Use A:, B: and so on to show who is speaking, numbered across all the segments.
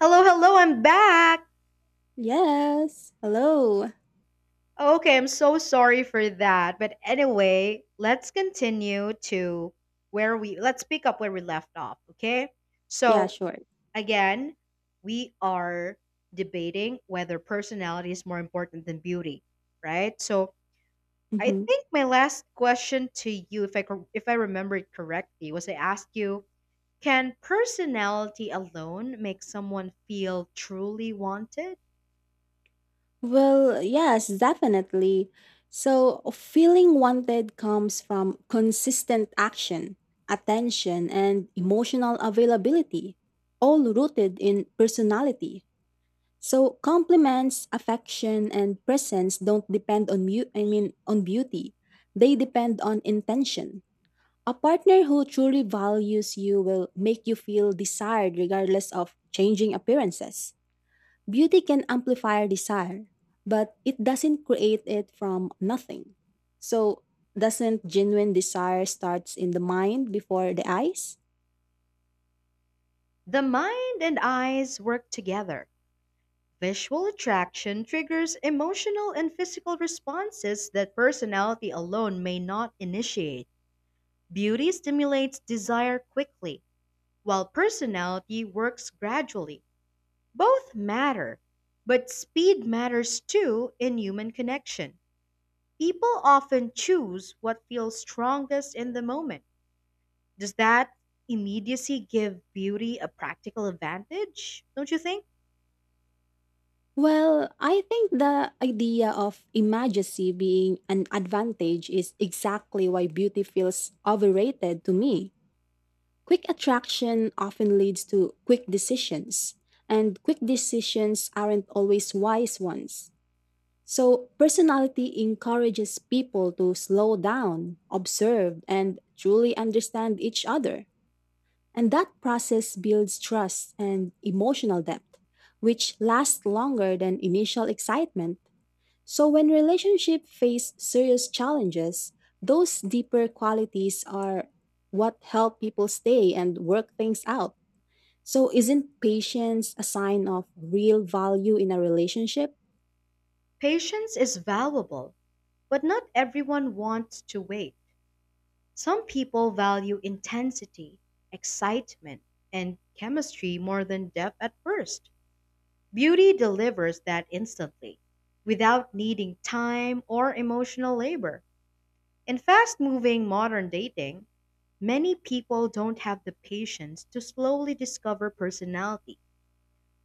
A: Hello, hello, I'm back.
B: Yes. Hello.
A: Oh, okay, I'm so sorry for that. But anyway, let's pick up where we left off, okay?
B: Yeah,
A: So,
B: sure.
A: again, we are debating whether personality is more important than beauty, right? So, I
B: hmm
A: think my last question to you, if I remember it correctly, was I asked you, can personality alone make someone feel truly wanted?
B: Well, yes, definitely. So, feeling wanted comes from consistent action, attention, and emotional availability, all rooted in personality. So, compliments, affection, and presence don't depend on on beauty. They depend on intention. A partner who truly values you will make you feel desired regardless of changing appearances. Beauty can amplify desire, but it doesn't create it from nothing. So, doesn't genuine desire starts in the mind before the eyes?
A: The mind and eyes work together. Visual attraction triggers emotional and physical responses that personality alone may not initiate. Beauty stimulates desire quickly, while personality works gradually. Both matter, but speed matters too in human connection. People often choose what feels strongest in the moment. Does that immediacy give beauty a practical advantage? Don't you think?
B: Well, I think the idea of imagecy being an advantage is exactly why beauty feels overrated to me. Quick attraction often leads to quick decisions, and quick decisions aren't always wise ones. So, personality encourages people to slow down, observe, and truly understand each other. And that process builds trust and emotional depth, which lasts longer than initial excitement. So when relationships face serious challenges, those deeper qualities are what help people stay and work things out. So isn't patience a sign of real value in a relationship?
A: Patience is valuable, but not everyone wants to wait. Some people value intensity, excitement, and chemistry more than depth at first. Beauty delivers that instantly, without needing time or emotional labor. In fast moving modern dating, many people don't have the patience to slowly discover personality.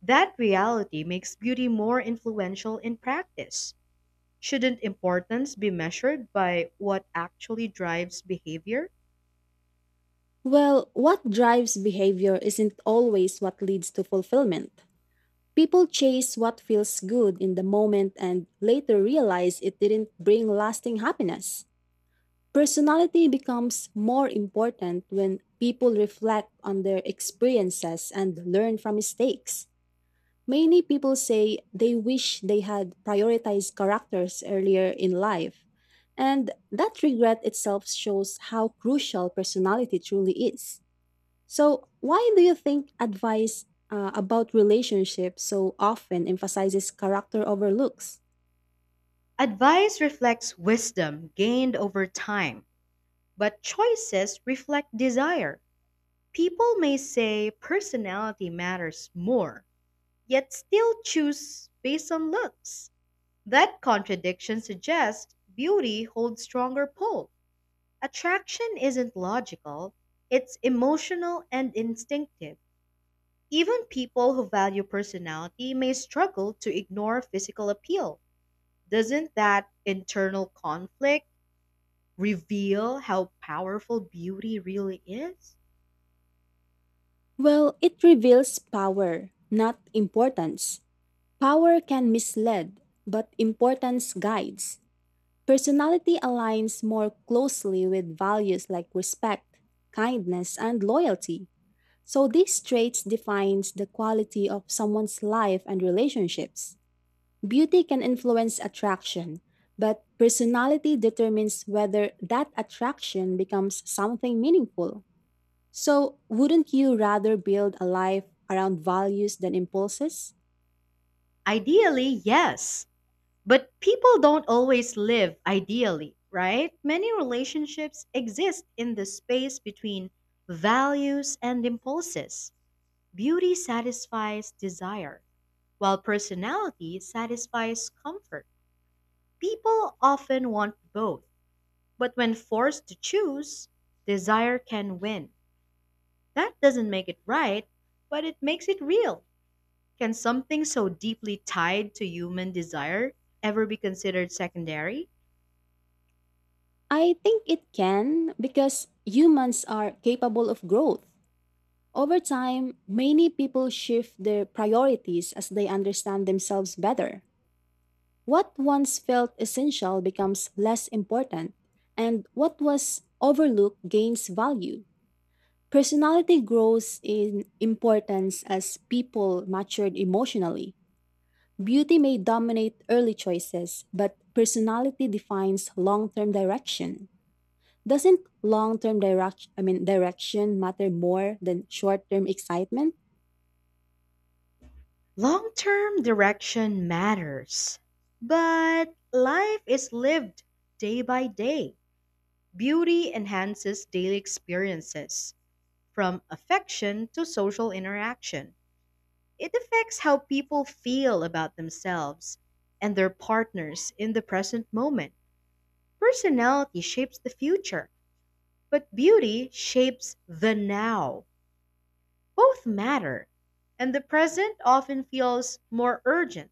A: That reality makes beauty more influential in practice. Shouldn't importance be measured by what actually drives behavior?
B: Well, what drives behavior isn't always what leads to fulfillment. People chase what feels good in the moment and later realize it didn't bring lasting happiness. Personality becomes more important when people reflect on their experiences and learn from mistakes. Many people say they wish they had prioritized characters earlier in life, and that regret itself shows how crucial personality truly is. So, why do you think advice about relationships so often emphasizes character overlooks?
A: Advice reflects wisdom gained over time, but choices reflect desire. People may say personality matters more, yet still choose based on looks. That contradiction suggests beauty holds stronger pull. Attraction isn't logical, it's emotional and instinctive. Even people who value personality may struggle to ignore physical appeal. Doesn't that internal conflict reveal how powerful beauty really is?
B: Well, it reveals power, not importance. Power can mislead, but importance guides. Personality aligns more closely with values like respect, kindness, and loyalty. So these traits defines the quality of someone's life and relationships. Beauty can influence attraction, but personality determines whether that attraction becomes something meaningful. So, wouldn't you rather build a life around values than impulses?
A: Ideally, yes. But people don't always live ideally, right? Many relationships exist in the space between values and impulses. Beauty satisfies desire, while personality satisfies comfort. People often want both, but when forced to choose, desire can win. That doesn't make it right, but it makes it real. Can something so deeply tied to human desire ever be considered secondary?
B: I think it can because humans are capable of growth. Over time, many people shift their priorities as they understand themselves better. What once felt essential becomes less important, and what was overlooked gains value. Personality grows in importance as people matured emotionally. Beauty may dominate early choices, but personality defines long term direction. Doesn't long-term direction I mean direction matter more than short-term excitement?
A: Long term direction matters, but life is lived day by day. Beauty enhances daily experiences, from affection to social interaction. It affects how people feel about themselves and their partners in the present moment. Personality shapes the future, but beauty shapes the now. Both matter, and the present often feels more urgent.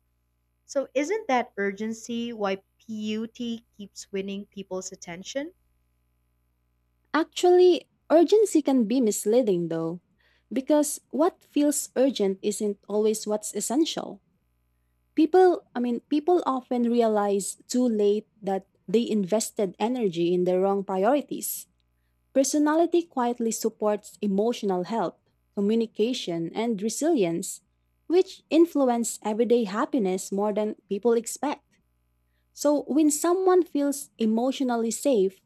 A: So, isn't that urgency why beauty keeps winning people's attention?
B: Actually, urgency can be misleading though, because what feels urgent isn't always what's essential. People often realize too late that they invested energy in the wrong priorities. Personality quietly supports emotional health, communication, and resilience, which influence everyday happiness more than people expect. So, when someone feels emotionally safe,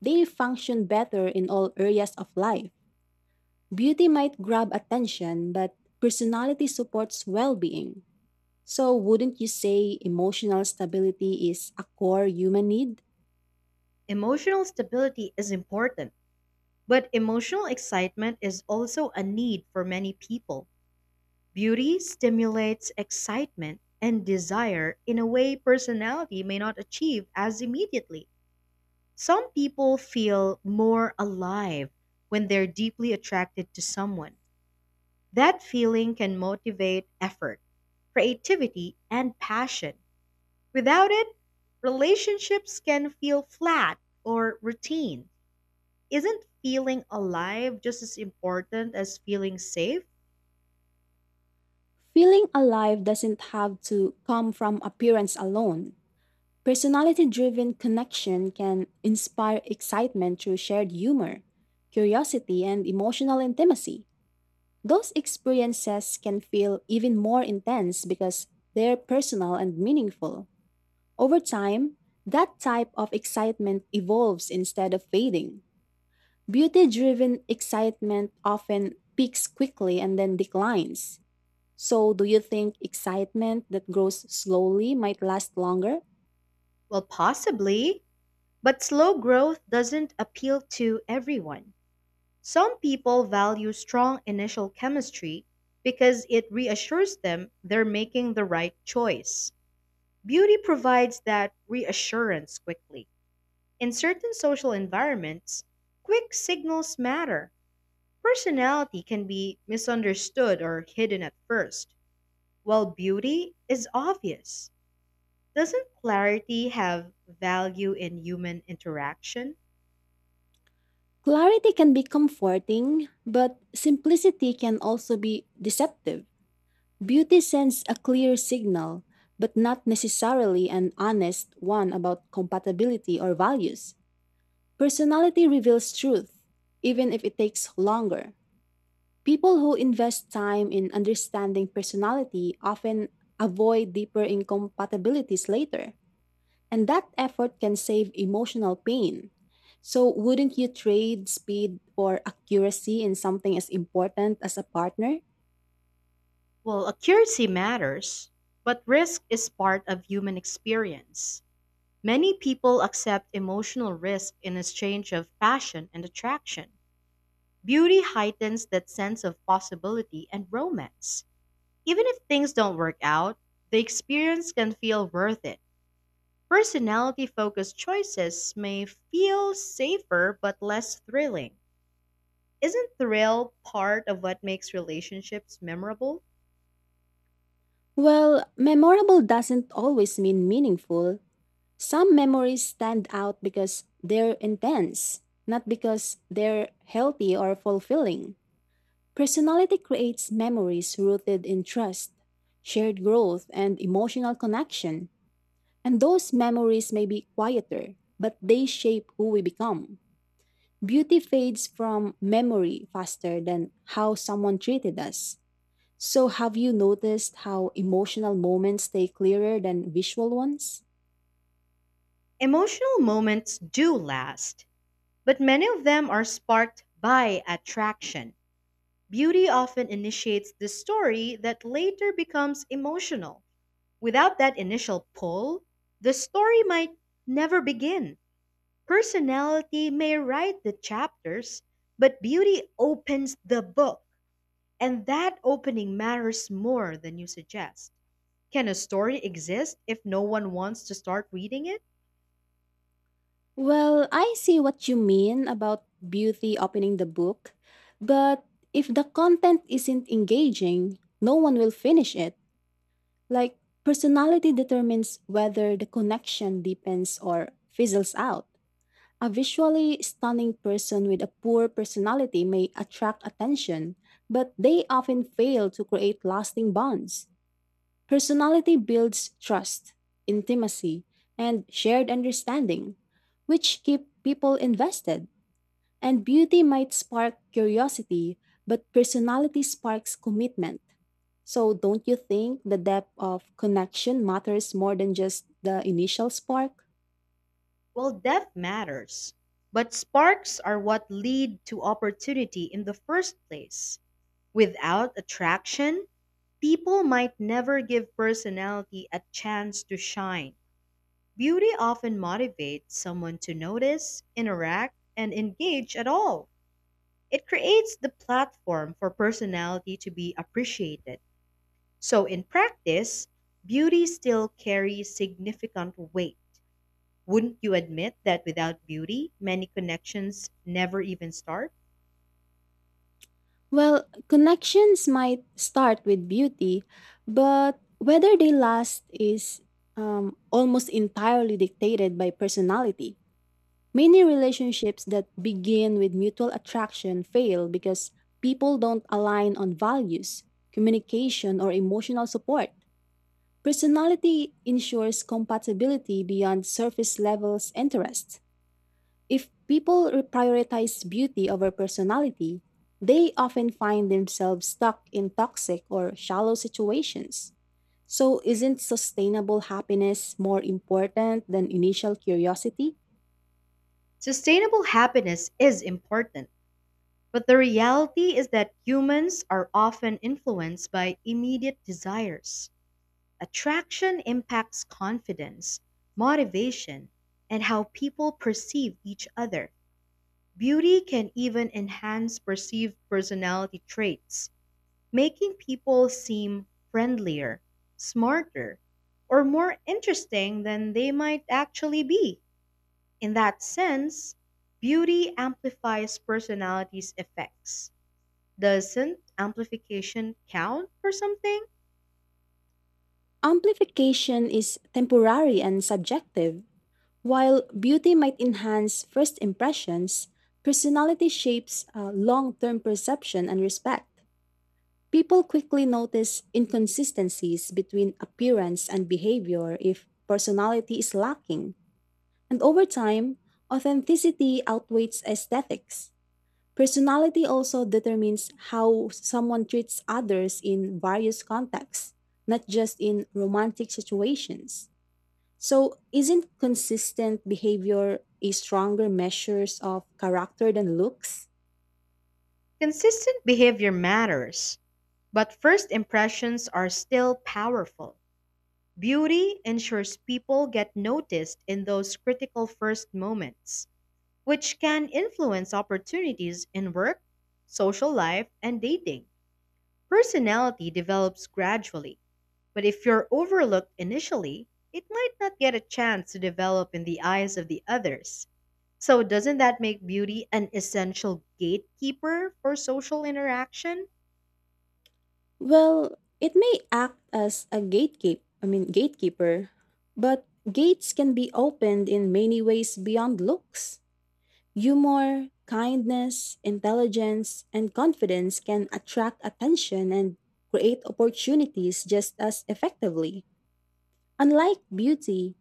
B: they'll function better in all areas of life. Beauty might grab attention, but personality supports well being. So, wouldn't you say emotional stability is a core human need?
A: Emotional stability is important, but emotional excitement is also a need for many people. Beauty stimulates excitement and desire in a way personality may not achieve as immediately. Some people feel more alive when they're deeply attracted to someone. That feeling can motivate effort, creativity, and passion. Without it, relationships can feel flat or routine. Isn't feeling alive just as important as feeling safe?
B: Feeling alive doesn't have to come from appearance alone. Personality driven connection can inspire excitement through shared humor, curiosity, and emotional intimacy. Those experiences can feel even more intense because they're personal and meaningful. Over time, that type of excitement evolves instead of fading. Beauty driven excitement often peaks quickly and then declines. So, do you think excitement that grows slowly might last longer?
A: Well, possibly. But slow growth doesn't appeal to everyone. Some people value strong initial chemistry because it reassures them they're making the right choice. Beauty provides that reassurance quickly. In certain social environments, quick signals matter. Personality can be misunderstood or hidden at first, while beauty is obvious. Doesn't clarity have value in human interaction?
B: Clarity can be comforting, but simplicity can also be deceptive. Beauty sends a clear signal, but not necessarily an honest one about compatibility or values. Personality reveals truth, even if it takes longer. People who invest time in understanding personality often avoid deeper incompatibilities later, and that effort can save emotional pain. So, wouldn't you trade speed for accuracy in something as important as a partner?
A: Well, accuracy matters, but risk is part of human experience. Many people accept emotional risk in exchange of passion and attraction. Beauty heightens that sense of possibility and romance. Even if things don't work out, the experience can feel worth it. Personality focused choices may feel safer but less thrilling. Isn't thrill part of what makes relationships memorable?
B: Well, memorable doesn't always mean meaningful. Some memories stand out because they're intense, not because they're healthy or fulfilling. Personality creates memories rooted in trust, shared growth, and emotional connection. And those memories may be quieter, but they shape who we become. Beauty fades from memory faster than how someone treated us. So, have you noticed how emotional moments stay clearer than visual ones?
A: Emotional moments do last, but many of them are sparked by attraction. Beauty often initiates the story that later becomes emotional. Without that initial pull, the story might never begin. Personality may write the chapters, but beauty opens the book, and that opening matters more than you suggest. Can a story exist if no one wants to start reading it?
B: Well, I see what you mean about beauty opening the book, but if the content isn't engaging, no one will finish it. Like, personality determines whether the connection deepens or fizzles out. A visually stunning person with a poor personality may attract attention, but they often fail to create lasting bonds. Personality builds trust, intimacy, and shared understanding, which keep people invested. And beauty might spark curiosity, but personality sparks commitment. So, don't you think the depth of connection matters more than just the initial spark?
A: Well, depth matters, but sparks are what lead to opportunity in the first place. Without attraction, people might never give personality a chance to shine. Beauty often motivates someone to notice, interact, and engage at all. It creates the platform for personality to be appreciated. So, in practice, beauty still carries significant weight. Wouldn't you admit that without beauty, many connections never even start?
B: Well, connections might start with beauty, but whether they last is almost entirely dictated by personality. Many relationships that begin with mutual attraction fail because people don't align on values, communication, or emotional support. Personality ensures compatibility beyond surface levels interests. If people prioritize beauty over personality, they often find themselves stuck in toxic or shallow situations. So, isn't sustainable happiness more important than initial curiosity?
A: Sustainable happiness is important, but the reality is that humans are often influenced by immediate desires. Attraction impacts confidence, motivation, and how people perceive each other. Beauty can even enhance perceived personality traits, making people seem friendlier, smarter, or more interesting than they might actually be. In that sense, beauty amplifies personality's effects. Doesn't amplification count for something?
B: Amplification is temporary and subjective. While beauty might enhance first impressions, personality shapes long term perception and respect. People quickly notice inconsistencies between appearance and behavior if personality is lacking. And over time, authenticity outweighs aesthetics. Personality also determines how someone treats others in various contexts, not just in romantic situations. So, isn't consistent behavior a stronger measure of character than looks?
A: Consistent behavior matters, but first impressions are still powerful. Beauty ensures people get noticed in those critical first moments, which can influence opportunities in work, social life, and dating. Personality develops gradually, but if you're overlooked initially, it might not get a chance to develop in the eyes of the others. So, doesn't that make beauty an essential gatekeeper for social interaction?
B: Well, it may act as a gatekeeper, but gates can be opened in many ways beyond looks. Humor, kindness, intelligence, and confidence can attract attention and create opportunities just as effectively. Unlike beauty,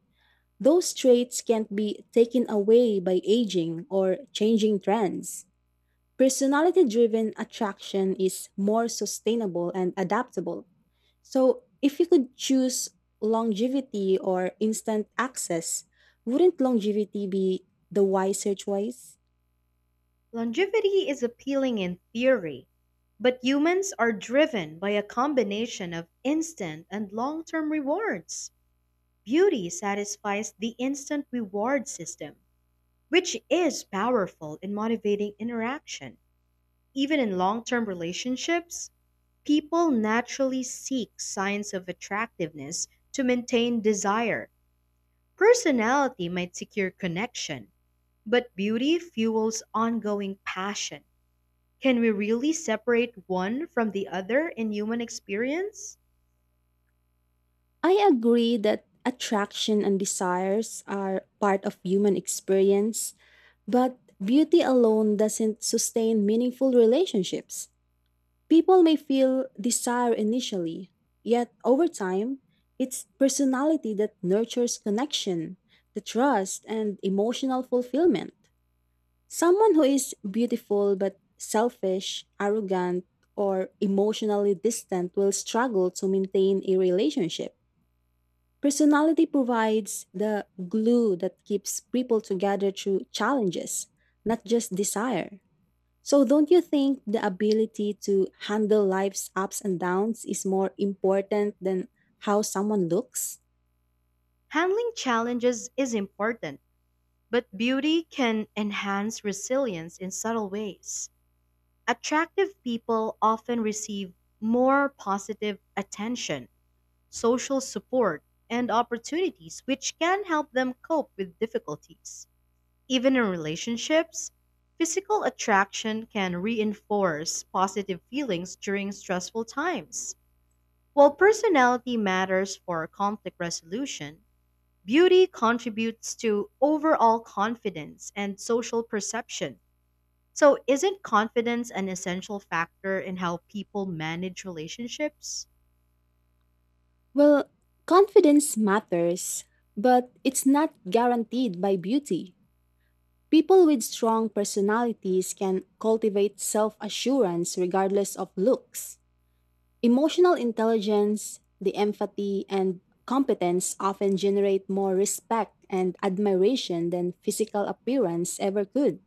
B: those traits can't be taken away by aging or changing trends. Personality driven attraction is more sustainable and adaptable. So, if you could choose longevity or instant access, wouldn't longevity be the wiser choice?
A: Longevity is appealing in theory, but humans are driven by a combination of instant and long term rewards. Beauty satisfies the instant reward system, which is powerful in motivating interaction. Even in long term relationships, people naturally seek signs of attractiveness to maintain desire. Personality might secure connection, but beauty fuels ongoing passion. Can we really separate one from the other in human experience?
B: I agree that attraction and desires are part of human experience, but beauty alone doesn't sustain meaningful relationships. People may feel desire initially, yet over time, it's personality that nurtures connection, the trust, and emotional fulfillment. Someone who is beautiful but selfish, arrogant, or emotionally distant will struggle to maintain a relationship. Personality provides the glue that keeps people together through challenges, not just desire. So, don't you think the ability to handle life's ups and downs is more important than how someone looks?
A: Handling challenges is important, but beauty can enhance resilience in subtle ways. Attractive people often receive more positive attention, social support, and opportunities which can help them cope with difficulties. Even in relationships, physical attraction can reinforce positive feelings during stressful times. While personality matters for conflict resolution, beauty contributes to overall confidence and social perception. So, isn't confidence an essential factor in how people manage relationships?
B: Well, confidence matters, but it's not guaranteed by beauty. People with strong personalities can cultivate self assurance regardless of looks. Emotional intelligence, the empathy, and competence often generate more respect and admiration than physical appearance ever could.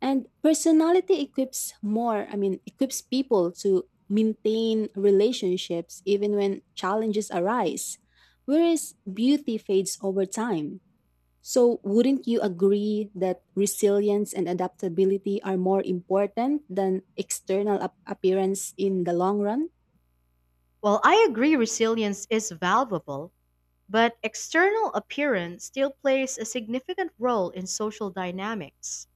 B: And personality equips more, I mean, equips people to maintain relationships even when challenges arise, whereas beauty fades over time. So, wouldn't you agree that resilience and adaptability are more important than external appearance in the long run?
A: Well, I agree resilience is valuable, but external appearance still plays a significant role in social dynamics.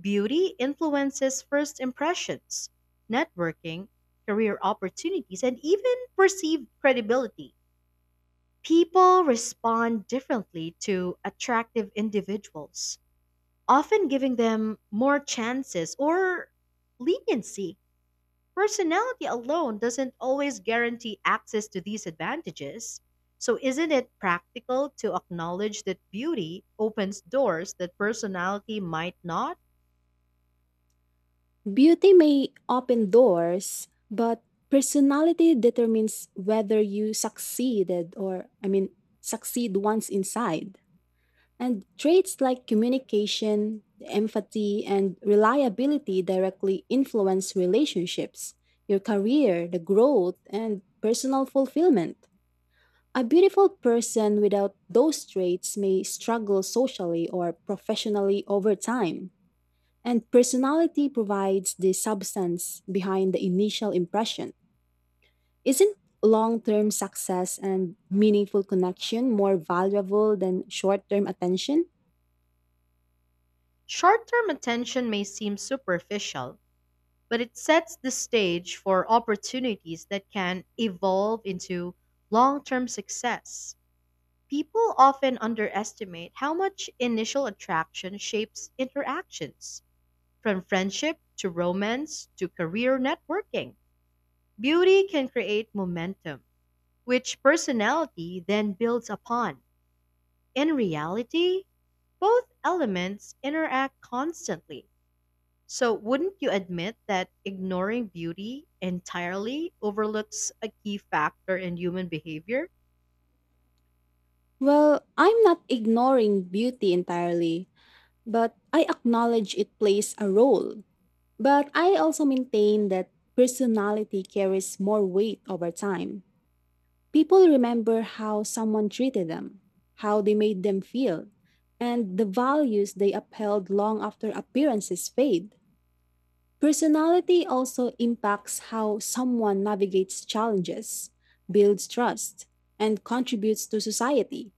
A: Beauty influences first impressions, networking, career opportunities, and even perceived credibility. People respond differently to attractive individuals, often giving them more chances or leniency. Personality alone doesn't always guarantee access to these advantages. So, isn't it practical to acknowledge that beauty opens doors that personality might not?
B: Beauty may open doors, but personality determines whether you succeeded or, I mean, succeed once inside. And traits like communication, empathy, and reliability directly influence relationships, your career, the growth, and personal fulfillment. A beautiful person without those traits may struggle socially or professionally over time. And personality provides the substance behind the initial impression. Isn't long term success and meaningful connection more valuable than short term attention?
A: Short term attention may seem superficial, but it sets the stage for opportunities that can evolve into long term success. People often underestimate how much initial attraction shapes interactions. From friendship to romance to career networking, beauty can create momentum, which personality then builds upon. In reality, both elements interact constantly. So, wouldn't you admit that ignoring beauty entirely overlooks a key factor in human behavior?
B: Well, I'm not ignoring beauty entirely, but I acknowledge it plays a role. But I also maintain that personality carries more weight over time. People remember how someone treated them, how they made them feel, and the values they upheld long after appearances fade. Personality also impacts how someone navigates challenges, builds trust, and contributes to society.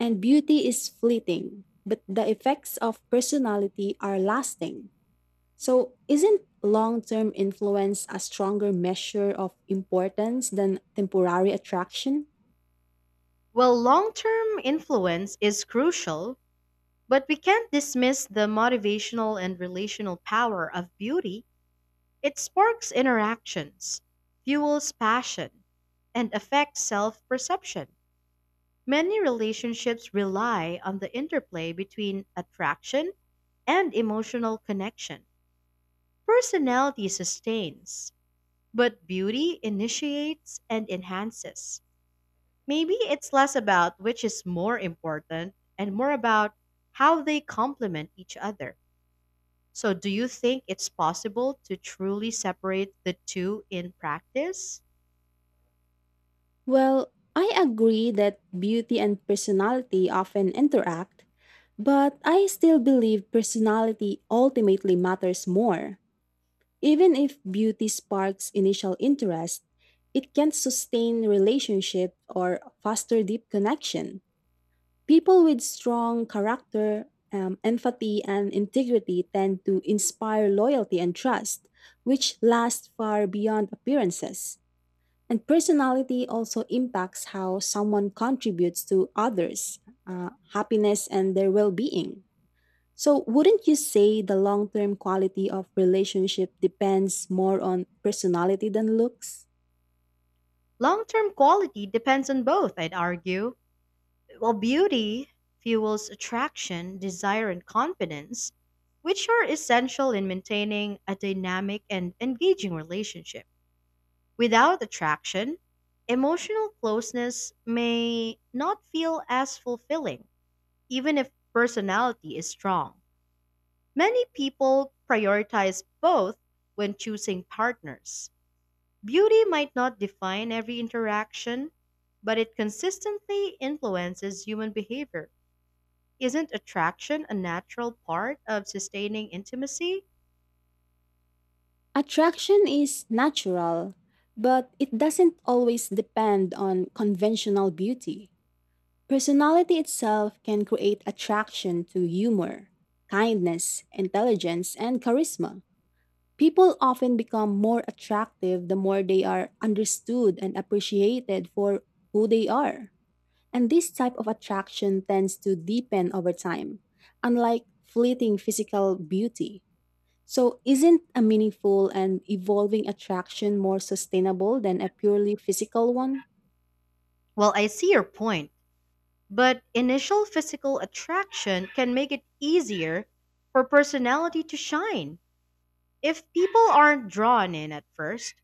B: And beauty is fleeting, but the effects of personality are lasting. So, isn't long term influence a stronger measure of importance than temporary attraction?
A: Well, long term influence is crucial, but we can't dismiss the motivational and relational power of beauty. It sparks interactions, fuels passion, and affects self perception. Many relationships rely on the interplay between attraction and emotional connection. Personality sustains, but beauty initiates and enhances. Maybe it's less about which is more important and more about how they complement each other. So, do you think it's possible to truly separate the two in practice?
B: Well, I agree that beauty and personality often interact, but I still believe personality ultimately matters more. Even if beauty sparks initial interest, it can not sustain relationship or foster deep connection. People with strong character, empathy, and integrity tend to inspire loyalty and trust, which lasts far beyond appearances. And personality also impacts how someone contributes to others' happiness and their well being. So, wouldn't you say the long term quality of relationship depends more on personality than looks?
A: Long term quality depends on both, I'd argue. While beauty fuels attraction, desire, and confidence, which are essential in maintaining a dynamic and engaging relationship. Without attraction, emotional closeness may not feel as fulfilling, even if personality is strong. Many people prioritize both when choosing partners. Beauty might not define every interaction, but it consistently influences human behavior. Isn't attraction a natural part of sustaining intimacy?
B: Attraction is natural, but it doesn't always depend on conventional beauty. Personality itself can create attraction to humor, kindness, intelligence, and charisma. People often become more attractive the more they are understood and appreciated for who they are. And this type of attraction tends to deepen over time, unlike fleeting physical beauty. So, isn't a meaningful and evolving attraction more sustainable than a purely physical one?
A: Well, I see your point, but initial physical attraction can make it easier for personality to shine. If people aren't drawn in at first,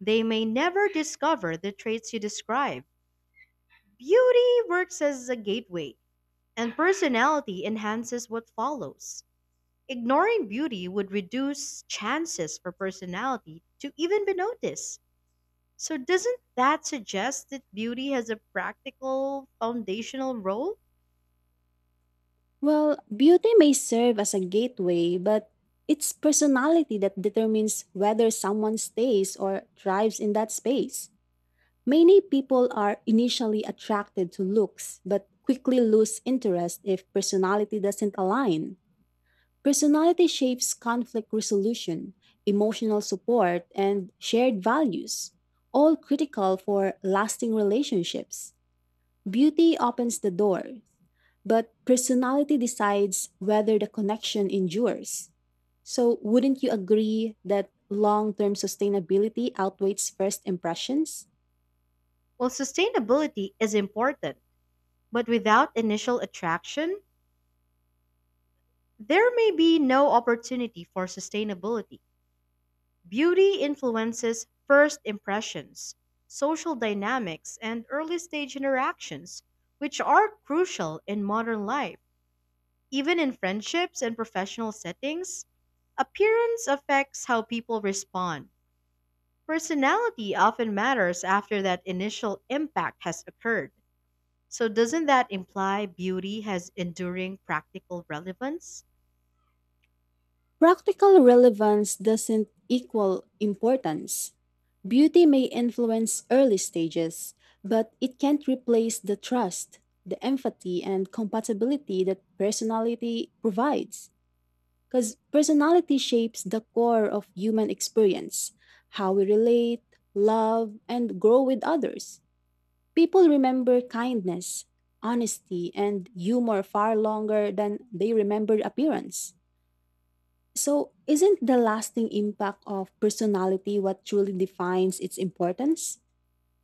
A: they may never discover the traits you describe. Beauty works as a gateway, and personality enhances what follows. Ignoring beauty would reduce chances for personality to even be noticed. So, doesn't that suggest that beauty has a practical, foundational role?
B: Well, beauty may serve as a gateway, but it's personality that determines whether someone stays or thrives in that space. Many people are initially attracted to looks, but quickly lose interest if personality doesn't align. Personality shapes conflict resolution, emotional support, and shared values, all critical for lasting relationships. Beauty opens the door, but personality decides whether the connection endures. So, wouldn't you agree that long term sustainability outweighs first impressions?
A: Well, sustainability is important, but without initial attraction, there may be no opportunity for sustainability. Beauty influences first impressions, social dynamics, and early stage interactions, which are crucial in modern life. Even in friendships and professional settings, appearance affects how people respond. Personality often matters after that initial impact has occurred. So, doesn't that imply beauty has enduring practical relevance?
B: Practical relevance doesn't equal importance. Beauty may influence early stages, but it can't replace the trust, the empathy, and compatibility that personality provides. Because personality shapes the core of human experience how we relate, love, and grow with others. People remember kindness, honesty, and humor far longer than they remember appearance. So, isn't the lasting impact of personality what truly defines its importance?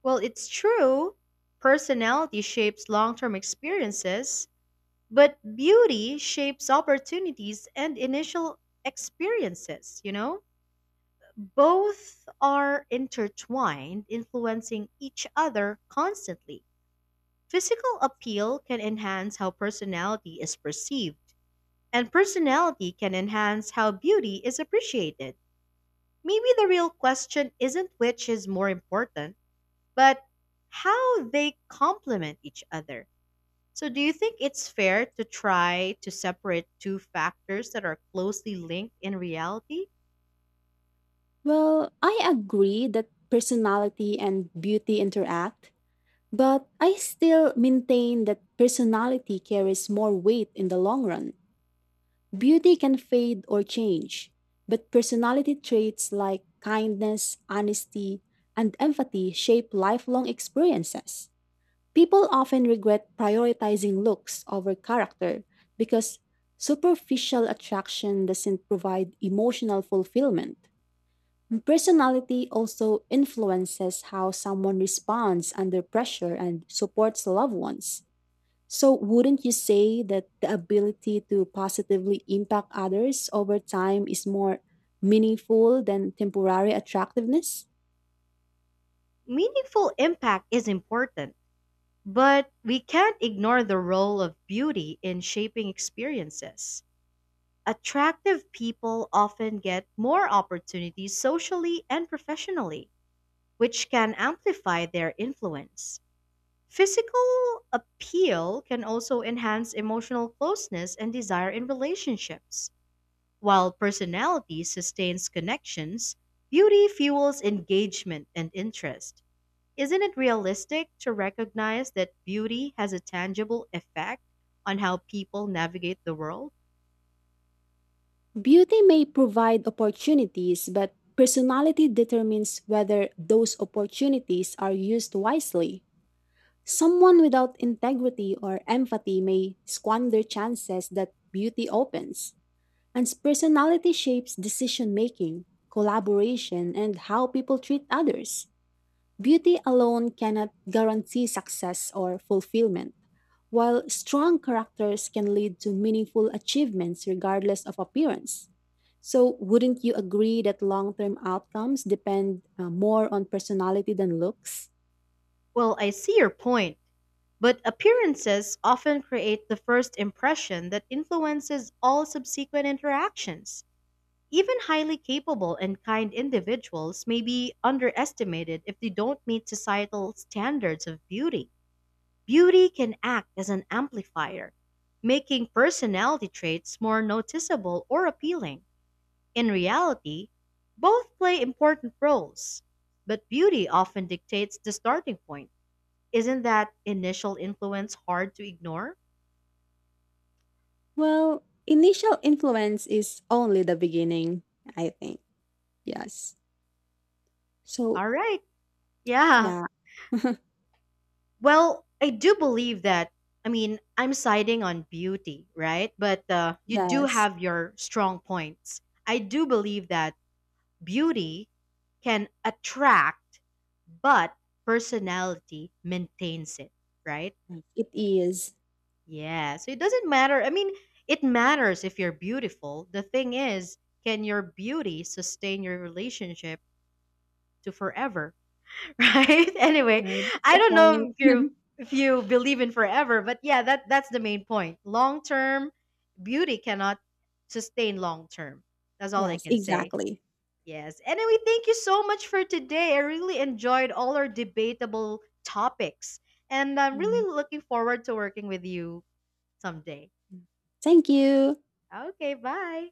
A: Well, it's true. Personality shapes long term experiences, but beauty shapes opportunities and initial experiences, you know? Both are intertwined, influencing each other constantly. Physical appeal can enhance how personality is perceived, and personality can enhance how beauty is appreciated. Maybe the real question isn't which is more important, but how they complement each other. So, do you think it's fair to try to separate two factors that are closely linked in reality?
B: Well, I agree that personality and beauty interact, but I still maintain that personality carries more weight in the long run. Beauty can fade or change, but personality traits like kindness, honesty, and empathy shape lifelong experiences. People often regret prioritizing looks over character because superficial attraction doesn't provide emotional fulfillment. Personality also influences how someone responds under pressure and supports loved ones. So, wouldn't you say that the ability to positively impact others over time is more meaningful than temporary attractiveness?
A: Meaningful impact is important, but we can't ignore the role of beauty in shaping experiences. Attractive people often get more opportunities socially and professionally, which can amplify their influence. Physical appeal can also enhance emotional closeness and desire in relationships. While personality sustains connections, beauty fuels engagement and interest. Isn't it realistic to recognize that beauty has a tangible effect on how people navigate the world?
B: Beauty may provide opportunities, but personality determines whether those opportunities are used wisely. Someone without integrity or empathy may squander chances that beauty opens. And personality shapes decision making, collaboration, and how people treat others. Beauty alone cannot guarantee success or fulfillment, while strong characters can lead to meaningful achievements regardless of appearance. So, wouldn't you agree that long term outcomes depend more on personality than looks?
A: Well, I see your point, but appearances often create the first impression that influences all subsequent interactions. Even highly capable and kind individuals may be underestimated if they don't meet societal standards of beauty. Beauty can act as an amplifier, making personality traits more noticeable or appealing. In reality, both play important roles, but beauty often dictates the starting point. Isn't that initial influence hard to ignore?
B: Well, initial influence is only the beginning, I think. Yes. So,
A: All right. Yeah.
B: yeah.
A: Well, I do believe that. I mean, I'm siding on beauty, right? But you do
B: Yes,
A: have your strong points. I do believe that beauty can attract, but personality maintains it, right?
B: it is.
A: Yeah. So it doesn't matter. I mean, it matters if you're beautiful. The thing is, can your beauty sustain your relationship to forever, right? Anyway,
B: That's
A: I
B: the
A: don't
B: point.
A: know if you believe in forever, but yeah, that's the main point. Long term beauty cannot sustain long term. That's all I
B: Yes,
A: can say.
B: exactly.
A: Yes. Anyway, thank you so much for today. I really enjoyed all our debatable topics, and I'm
B: Yeah.
A: really looking forward to working with you someday.
B: Thank you.
A: Okay, bye.